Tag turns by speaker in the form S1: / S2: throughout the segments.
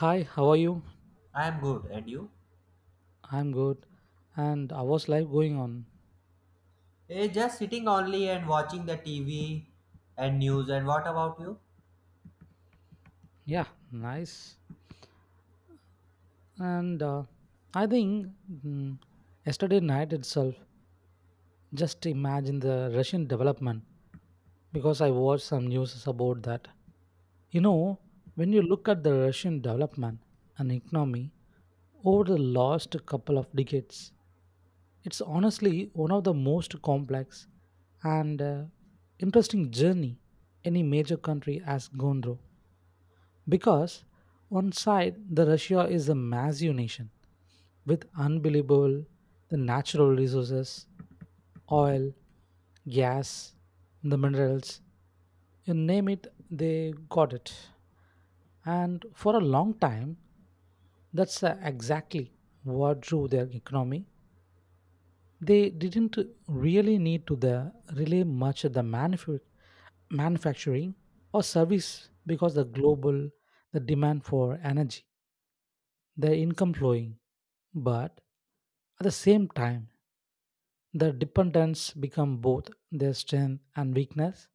S1: Hi, how are you?
S2: I am good, and you?
S1: I'm good. And how was life going on?
S2: Just sitting only and watching the TV and news. And what about you?
S1: Yeah, nice. And I think yesterday night itself, just imagine the Russian development because I watched some news about that. You know, when you look at the Russian development and economy over the last couple of decades, it's honestly one of the most complex and interesting journey any major country has gone through. Because on side, the Russia is a massive nation with unbelievable the natural resources, oil, gas, the minerals, you name it, they got it. And for a long time, that's exactly what drew their economy. They didn't really need to the rely much of the manufacturing or service because the global the demand for energy the income flowing, but at the same time, the dependence become both their strength and weakness.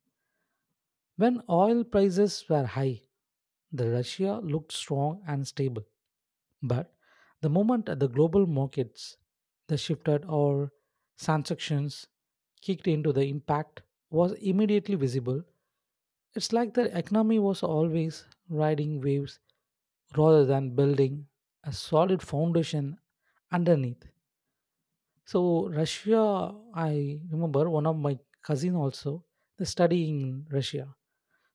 S1: When oil prices were high, the Russia looked strong and stable. But the moment the global markets, the shifted or transactions kicked into the impact was immediately visible. It's like the economy was always riding waves rather than building a solid foundation underneath. So Russia, I remember one of my cousin also they study in Russia.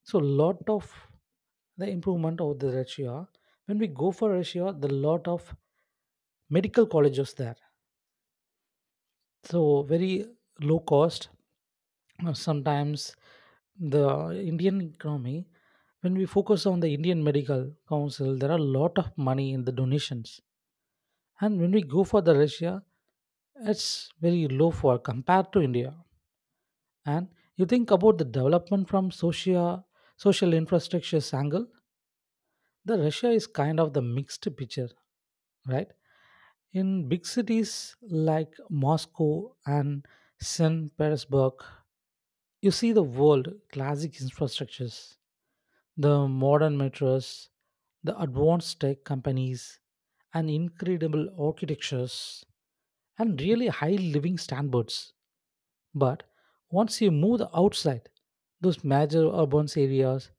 S1: So lot of the improvement of the Russia. When we go for Russia, the lot of medical colleges there. So very low cost. Sometimes the Indian economy, when we focus on the Indian Medical Council, there are a lot of money in the donations. And when we go for the Russia, it's very low for compared to India. And you think about the development from social infrastructure's angle, the Russia is kind of the mixed picture, right? In big cities like Moscow and St. Petersburg, you see the world classic infrastructures, the modern metros, the advanced tech companies, and incredible architectures, and really high living standards. But once you move outside those major urban areas,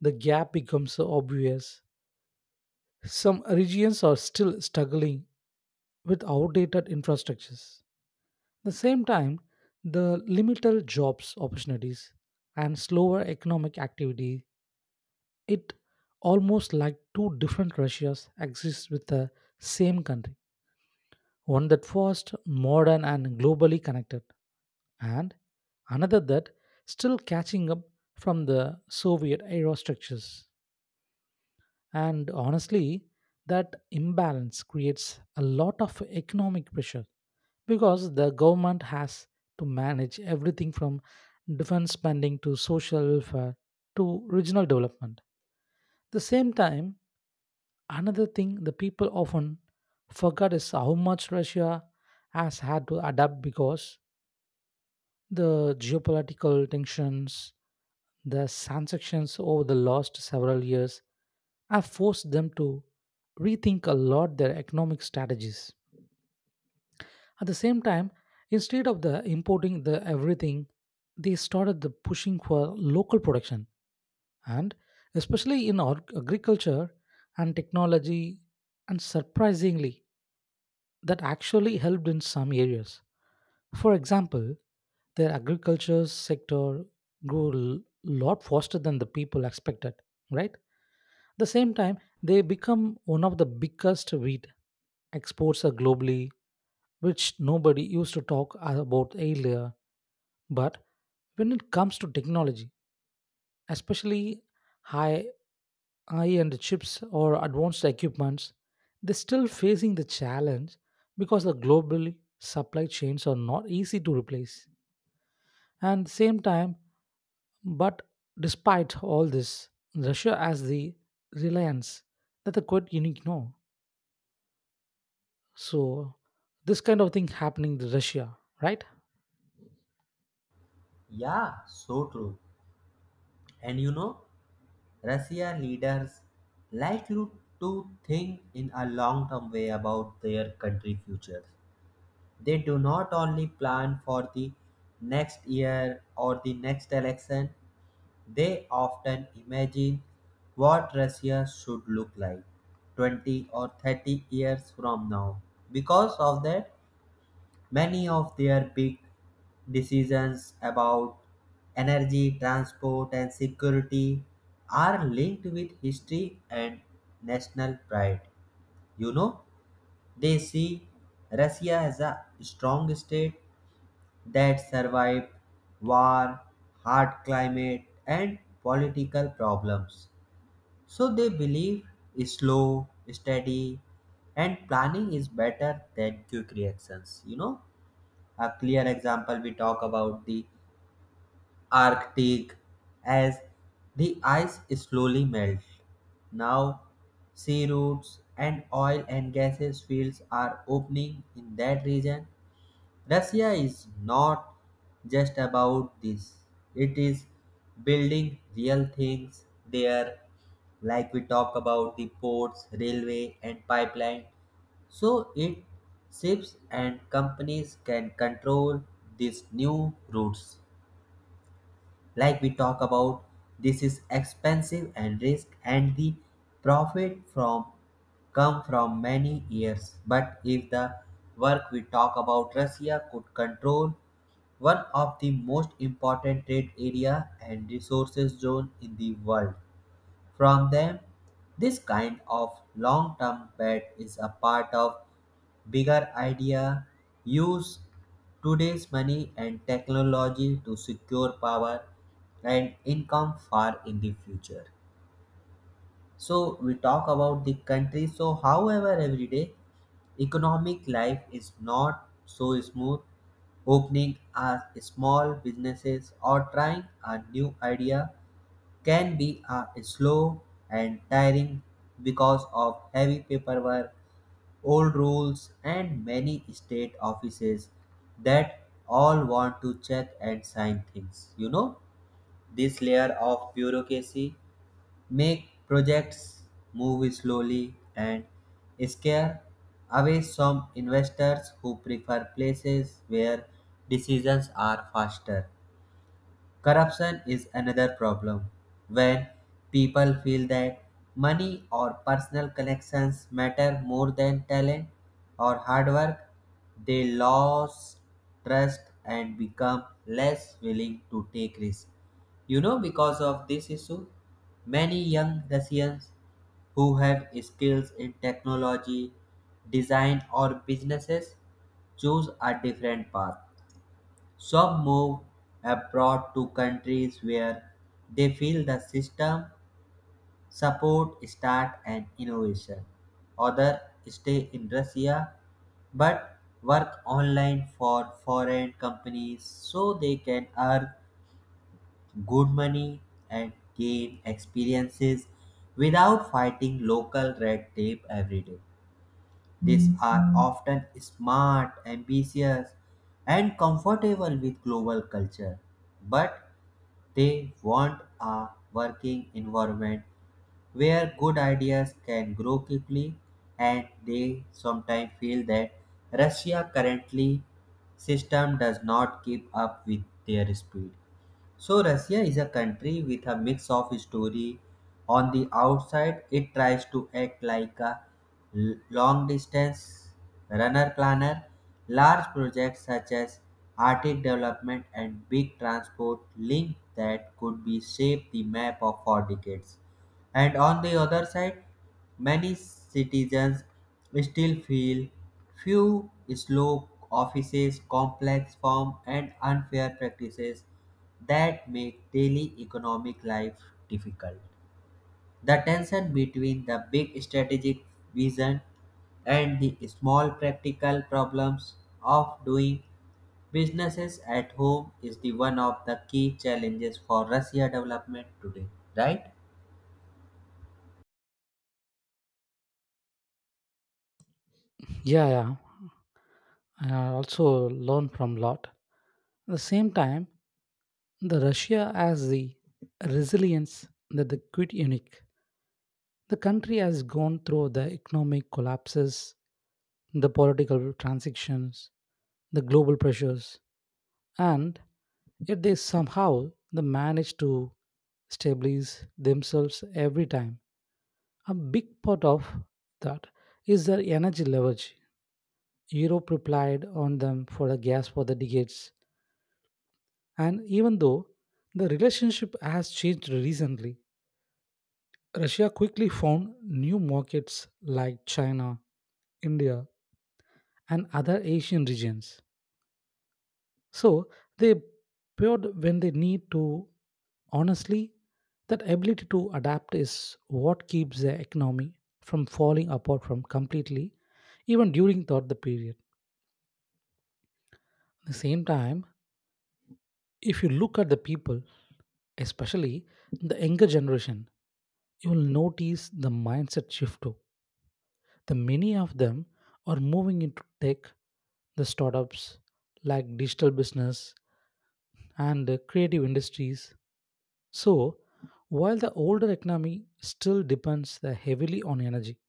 S1: the gap becomes so obvious. Some regions are still struggling with outdated infrastructures. At the same time, the limited jobs opportunities and slower economic activity, it almost like two different Russias exist with the same country. One that fast, modern and globally connected, and another that still catching up from the Soviet era structures. And honestly, that imbalance creates a lot of economic pressure because the government has to manage everything from defense spending to social welfare to regional development. The same time, another thing the people often forget is how much Russia has had to adapt because the geopolitical tensions, the sanctions over the last several years have forced them to rethink a lot their economic strategies. At the same time, instead of the importing the everything, they started the pushing for local production and especially in our agriculture and technology and surprisingly that actually helped in some areas. For example, their agriculture sector grew a lot faster than the people expected, right? At the same time, they become one of the biggest wheat exports are globally, which nobody used to talk about earlier. But when it comes to technology, especially high high-end chips or advanced equipments, they're still facing the challenge because the global supply chains are not easy to replace. And at the same time, But despite all this, Russia has the reliance that the quite unique no. So this kind of thing happening to Russia, right?
S2: Yeah, so true. And you know, Russia leaders like you to think in a long-term way about their country futures. They do not only plan for the next year or the next election. They often imagine what Russia should look like 20 or 30 years from now. Because of that, many of their big decisions about energy, transport, and security are linked with history and national pride. You know, they see Russia as a strong state that survived war, hard climate, and political problems. So they believe slow, steady, and planning is better than quick reactions. You know, a clear example, we talk about the Arctic. As the ice slowly melts now, sea routes and oil and gases fields are opening in that region. Russia is not just about this, it is building real things there, like we talk about the ports, railway, and pipeline. So it ships and companies can control these new routes. Like we talk about, this is expensive and risk and the profit from come from many years, but if the work, we talk about, Russia could control one of the most important trade area and resources zone in the world from them. This kind of long term bet is a part of bigger idea, use today's money and technology to secure power and income far in the future. So we talk about the country. So however every day economic life is not so smooth, opening a small businesses or trying a new idea can be slow and tiring because of heavy paperwork, old rules, and many state offices that all want to check and sign things. You know, this layer of bureaucracy make projects move slowly and scare away some investors who prefer places where decisions are faster. Corruption is another problem. When people feel that money or personal connections matter more than talent or hard work, they lose trust and become less willing to take risks. You know, because of this issue, many young Russians who have skills in technology, design, or businesses choose a different path. Some move abroad to countries where they feel the system support start and innovation. Others stay in Russia but work online for foreign companies so they can earn good money and gain experiences without fighting local red tape every day. These are often smart, ambitious, and comfortable with global culture, but they want a working environment where good ideas can grow quickly, and they sometimes feel that Russia currently system does not keep up with their speed. So Russia is a country with a mix of story. On the outside, it tries to act like a long distance runner planner. Large projects such as Arctic development and big transport link that could be shaped the map of for decades. And on the other side, many citizens still feel few slow offices, complex form, and unfair practices that make daily economic life difficult. The tension between the big strategic vision and the small practical problems of doing businesses at home is the one of the key challenges for Russia development today, right?
S1: Yeah, yeah. And I also learn from lot. At the same time, the Russia has the resilience that the quite unique. The country has gone through the economic collapses, the political transitions, the global pressures, and yet they somehow they manage to stabilize themselves every time. A big part of that is their energy leverage. Europe relied on them for the gas for the decades, and even though the relationship has changed recently, Russia quickly found new markets like China, India, and other Asian regions. So they paired when they need to. Honestly, that ability to adapt is what keeps the economy from falling apart from completely, even during thought the period. At the same time, if you look at the people, especially the younger generation, you will notice the mindset shift too. The many of them are moving into tech, the startups like digital business and the creative industries. So, while the older economy still depends the heavily on energy,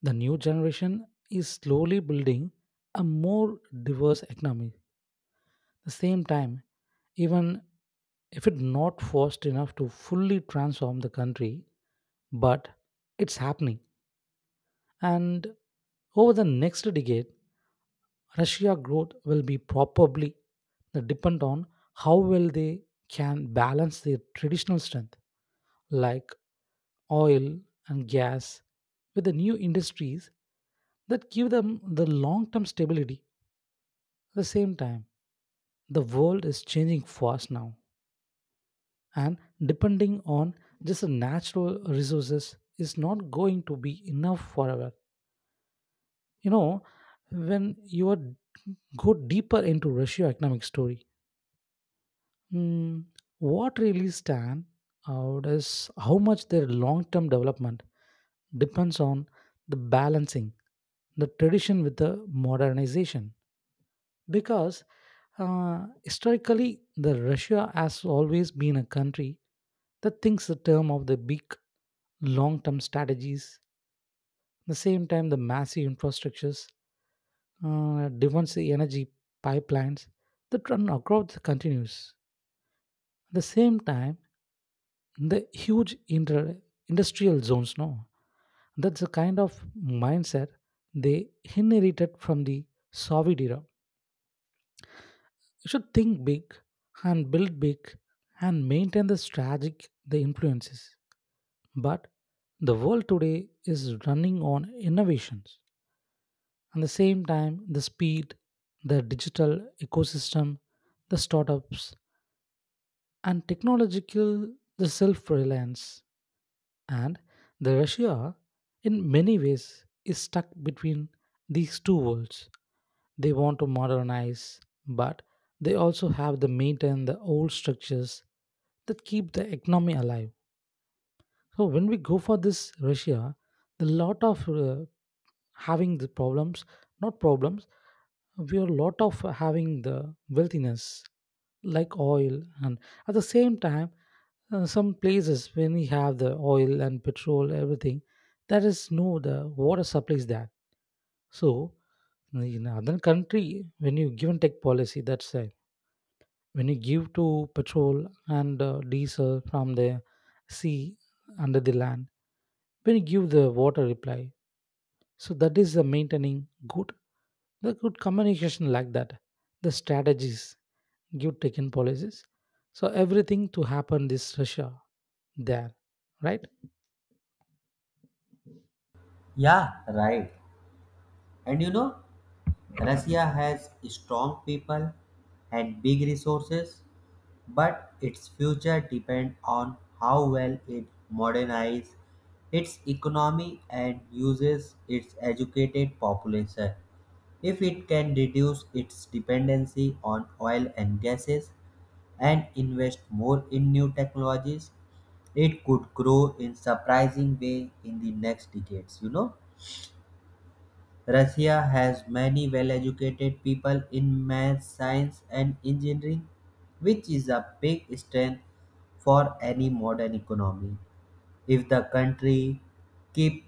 S1: the new generation is slowly building a more diverse economy. At the same time, even if it's not forced enough to fully transform the country, but it's happening. And over the next decade, Russia growth will be probably depend on how well they can balance their traditional strength like oil and gas with the new industries that give them the long term stability. At the same time, the world is changing fast now, and depending on just the natural resources is not going to be enough forever. You know, when you are, go deeper into Russia economic story, Mm, what really stand out is how much their long-term development depends on the balancing the tradition with the modernization because historically the russia has always been a country that thinks the term of the big long-term strategies. At the same time the massive infrastructures, defense energy pipelines that run across the continues at the same time the huge industrial zones no, that's the kind of mindset they inherited from the soviet era. You should think big and build big and maintain the strategic the influences. But the world today is running on innovations at the same time the speed, the digital ecosystem, the startups and technological the self-reliance. And the Russia, in many ways, is stuck between these two worlds. They want to modernize, but they also have to maintain the old structures that keep the economy alive. So when we go for this Russia, the lot of having the problems, not problems, we are lot of having the wealthiness like oil, and at the same time, some places when we have the oil and petrol everything, there is no the water supplies there. So in other country, when you give and take policy, that's right. When you give to petrol and diesel from the sea under the land when you give the water reply, so that is the maintaining good the good communication like that, the strategies you taken policies, so everything to happen this russia there, right.
S2: Yeah, right. And you know, Russia has strong people and big resources, but its future depends on how well it modernizes its economy and uses its educated population. If it can reduce its dependency on oil and gases and invest more in new technologies, it could grow in surprising way in the next decades, you know? Russia has many well-educated people in math, science, and engineering, which is a big strength for any modern economy. If the country keep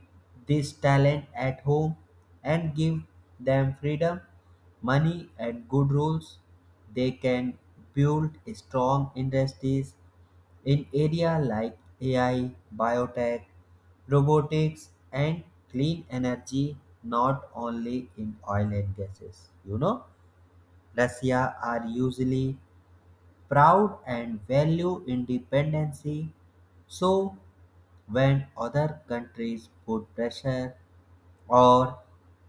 S2: this talent at home and give them freedom, money, and good rules, they can build strong industries in areas like AI, biotech, robotics, and clean energy, not only in oil and gases. You know, Russia are usually proud and value independency. So, when other countries put pressure or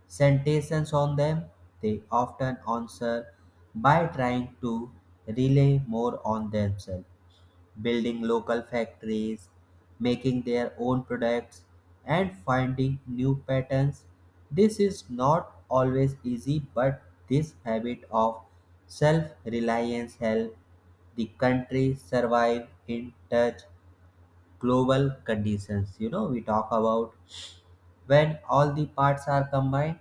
S2: sentences on them, they often answer by trying to rely more on themselves, building local factories, making their own products, and finding new patterns. This is not always easy, but this habit of self reliance helps the country survive in such global conditions. You know, we talk about when all the parts are combined,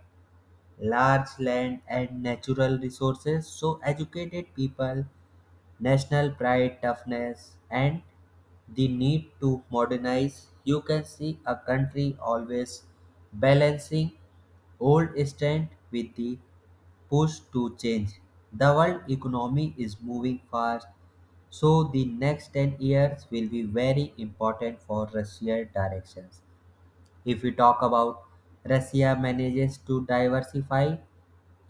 S2: large land and natural resources, so educated people, national pride, toughness, and the need to modernize, you can see a country always balancing old strength with the push to change. The world economy is moving fast, so the next 10 years will be very important for Russia directions. If we talk about Russia manages to diversify,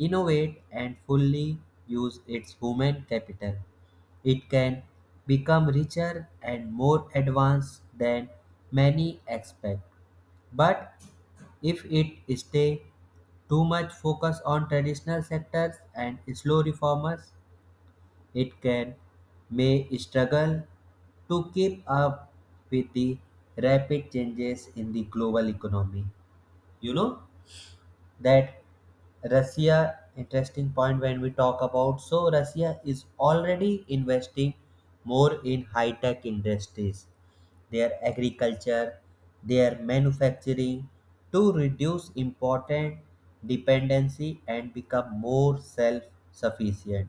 S2: innovate and fully use its human capital. It can become richer and more advanced than many expect. But if it stay too much focus on traditional sectors and slow reformers, it can may struggle to keep up with the rapid changes in the global economy, you know? That Russia interesting point when we talk about, so Russia is already investing more in high tech industries, their agriculture, their manufacturing, to reduce important dependency and become more self sufficient.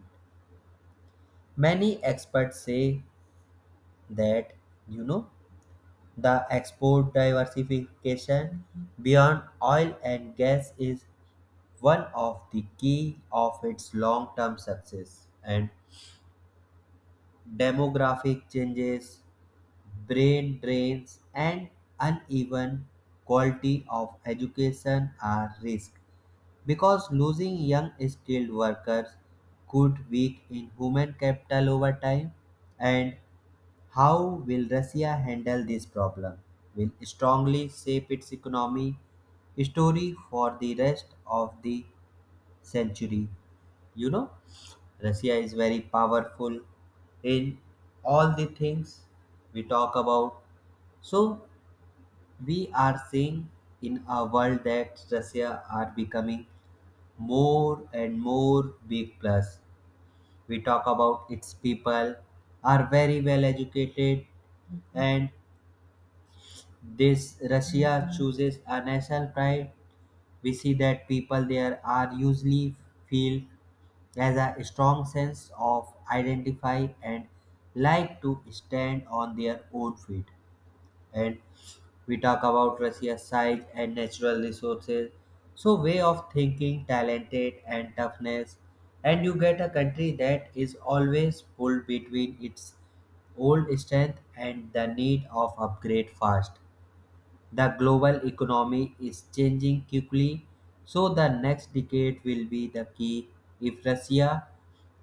S2: Many experts say that, you know, the export diversification beyond oil and gas is one of the key of its long-term success, and demographic changes, brain drains, and uneven quality of education are risk because losing young skilled workers could weak in human capital over time. And how will Russia handle this problem will strongly shape its economy story for the rest of the century. You know, Russia is very powerful in all the things we talk about. So we are seeing in a world that Russia are becoming more and more big plus. We talk about its people are very well educated, and this Russia chooses a national pride. We see that people there are usually feel has a strong sense of identify and like to stand on their own feet. And we talk about Russia's size and natural resources. So way of thinking, talented and toughness. And you get a country that is always pulled between its old strength and the need of upgrade fast. The global economy is changing quickly, so the next decade will be the key. If Russia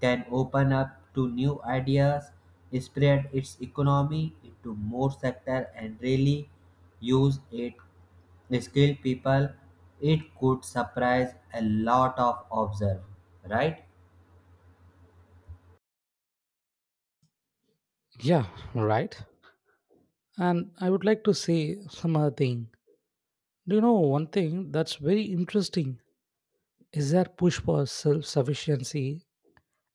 S2: can open up to new ideas, spread its economy into more sectors, and really use its skilled people, it could surprise a lot of observe, right?
S1: Yeah, right. And I would like to say some other thing. Do you know one thing that's very interesting is their push for self-sufficiency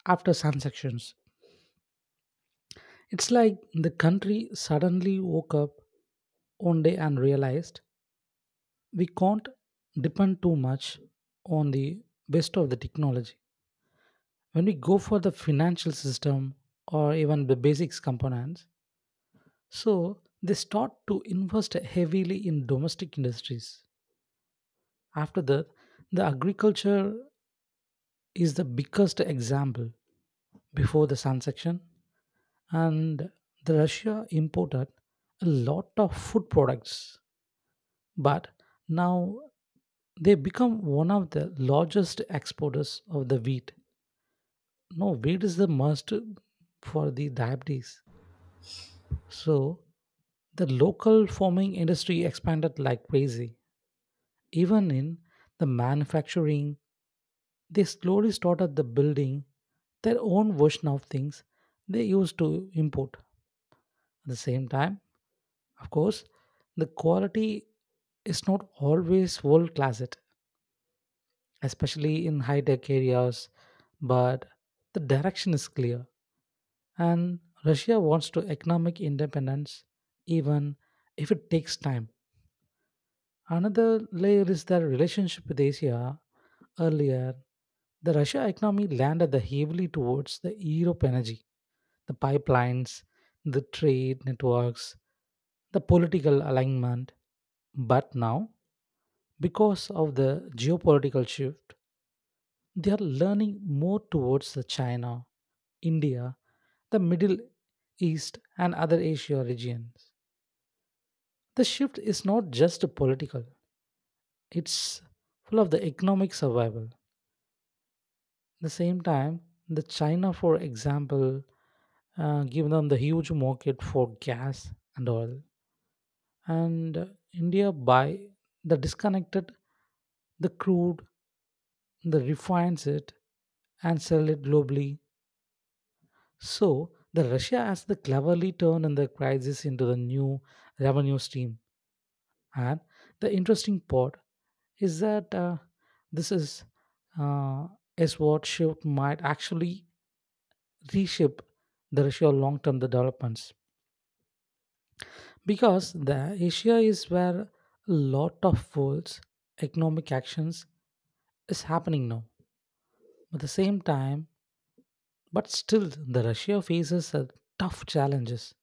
S1: after sanctions. It's like the country suddenly woke up one day and realized we can't depend too much on the best of the technology when we go for the financial system or even the basics components. So they start to invest heavily in domestic industries after that. The agriculture is the biggest example before the sun section. And the russia imported a lot of food products, but now they become one of the largest exporters of the wheat. No, wheat is the must for the diabetes. So the local farming industry expanded like crazy. Even in the manufacturing, they slowly started the building their own version of things they used to import. At the same time, of course, the quality is not always world class, it especially in high tech areas, but the direction is clear. And Russia wants to economic independence even if it takes time. Another layer is their relationship with Asia. Earlier, the Russia economy landed the heavily towards the Europe energy, the pipelines, the trade networks, the political alignment. But now, because of the geopolitical shift, they are learning more towards the China, India, the Middle East, and other Asia regions. The shift is not just political, it's full of the economic survival. The same time, the China, for example, give them the huge market for gas and oil, and India buy the disconnected, the crude, the refines it and sell it globally. So, the Russia has the cleverly turned the crisis into the new revenue stream. And the interesting part is that this uh, is what shift might actually reshape the Russia long-term developments because the Asia is where a lot of world's economic actions is happening now. At the same time, but still, the Russia faces a tough challenges.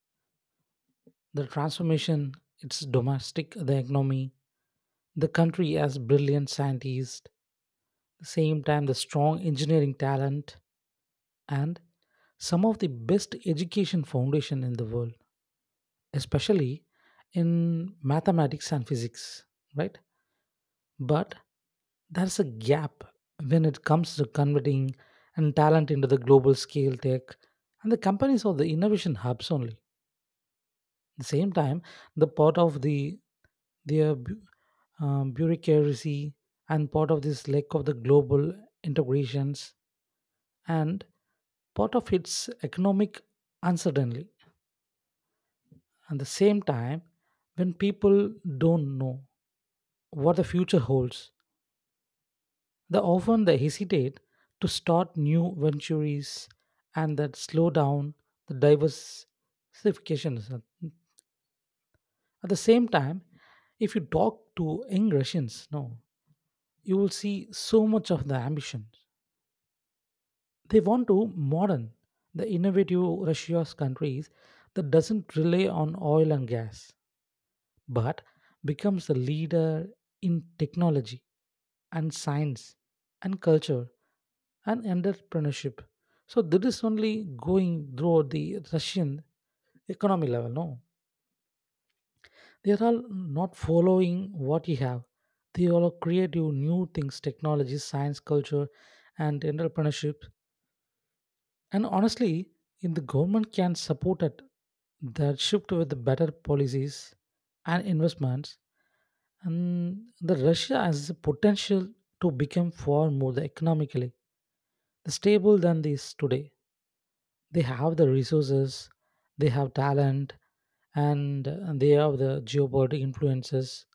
S1: The transformation, its domestic, the economy, the country has brilliant scientists, the same time the strong engineering talent, and some of the best education foundation in the world, especially in mathematics and physics, right? But there's a gap when it comes to converting and talent into the global scale tech and the companies are the innovation hubs only. At the same time, the part of the their bureaucracy and part of this lack of the global integrations and part of its economic uncertainty. At the same time, when people don't know what the future holds, they often they hesitate to start new ventures and that slow down the diversification. At the same time, if you talk to young Russians, no, you will see so much of the ambition. They want to modern the innovative Russia's countries that doesn't rely on oil and gas, but becomes the leader in technology and science and culture and entrepreneurship. So that is only going through the Russian economy level, no? They are all not following what you have. They all are creative new things, technology, science, culture, and entrepreneurship. And honestly, if the government can support it, that shift with the better policies and investments, and the Russia has the potential to become far more the economically the stable than this today. They have the resources, they have talent, and they have the geopolitical influences.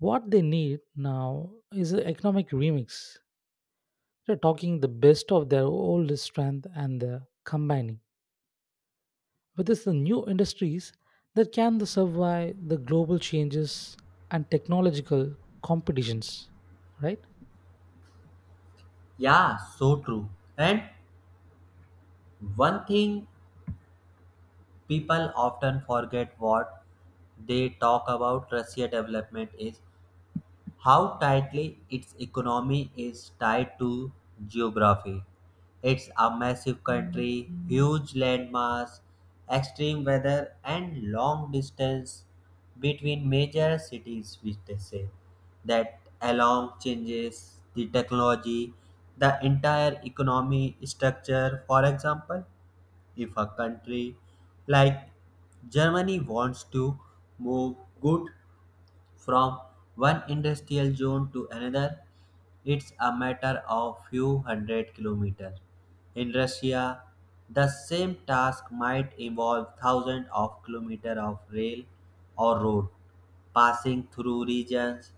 S1: What they need now is an economic remix. They're talking the best of their old strength and the combining. With this the new industries that can the survive the global changes and technological competitions, right.
S2: Yeah, so true. And one thing people often forget what they talk about Russia development is how tightly its economy is tied to geography. It's a massive country, huge landmass, extreme weather, and long distance between major cities, which they say that along changes the technology, the entire economy structure. For example, if a country like Germany wants to move good from one industrial zone to another, it's a matter of few hundred kilometers. In Russia, the same task might involve thousands of kilometers of rail or road passing through regions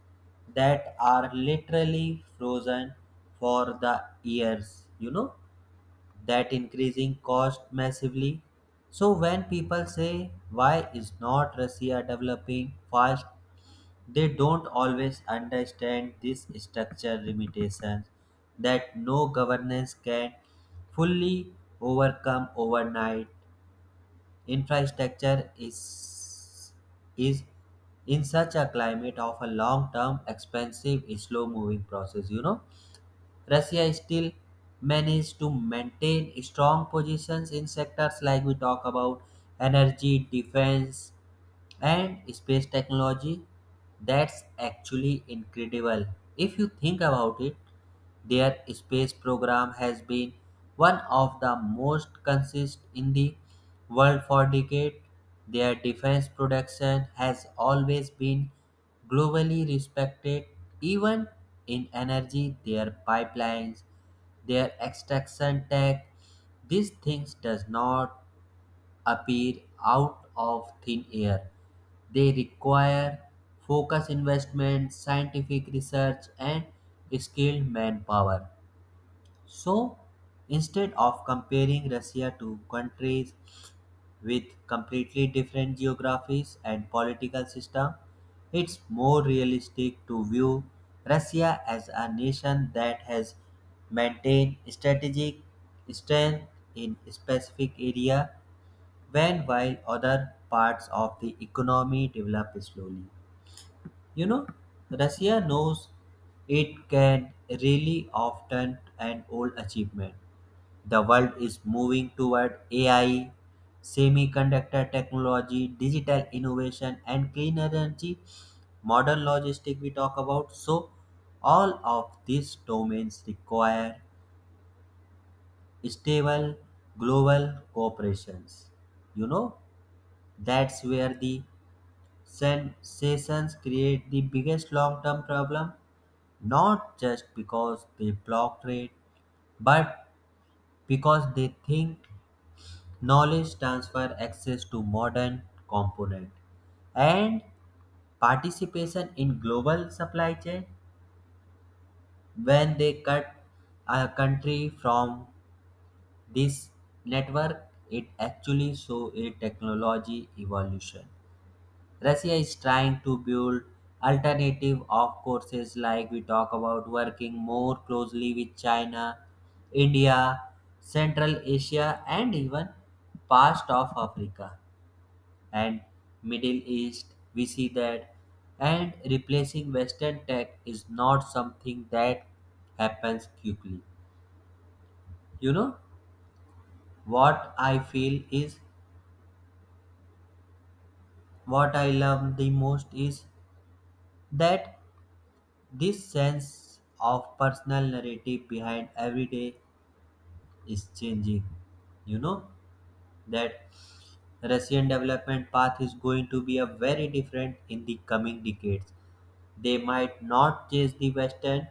S2: that are literally frozen for the years, you know, that increasing cost massively. So when people say why is not Russia developing fast, they don't always understand this structure limitations that no governance can fully overcome overnight. Infrastructure is in such a climate of a long term expensive slow moving process. You know, Russia still managed to maintain strong positions in sectors like we talk about energy, defense, and space technology. That's actually incredible if you think about it. Their space program has been one of the most consistent in the world for decades. Their defense production has always been globally respected, even in energy, their pipelines, their extraction tech. These things does not appear out of thin air. They require focused investment, scientific research, and skilled manpower. So, instead of comparing Russia to countries with completely different geographies and political system, it's more realistic to view Russia as a nation that has maintained strategic strength in specific area when while other parts of the economy develop slowly. You know, Russia knows it can really often an old achievement. The world is moving toward AI, semiconductor technology, digital innovation, and clean energy, modern logistic we talk about. So all of these domains require stable global cooperations. You know, that's where the Sensations create the biggest long-term problem, not just because they block trade, but because they think knowledge transfer access to modern component and participation in global supply chain. When they cut a country from this network, it actually shows a technology evolution. Russia is trying to build alternative of courses like we talk about working more closely with China, India, Central Asia and even past of Africa and Middle East. We see that and replacing Western tech is not something that happens quickly. You know, what I feel is what I love the most is that this sense of personal narrative behind every day is changing. You know that Russian development path is going to be a very different in the coming decades. They might not chase the Western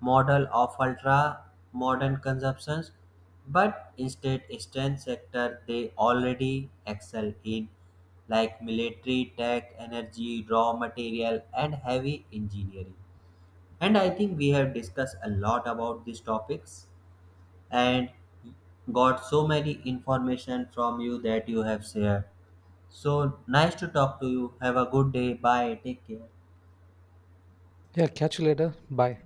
S2: model of ultra modern consumptions, but instead extend sector they already excel in, like military, tech, energy, raw material, and heavy engineering. And I think we have discussed a lot about these topics and got so many information from you that you have shared. So nice to talk to you. Have a good day. Bye. Take care.
S1: Yeah, catch you later. Bye.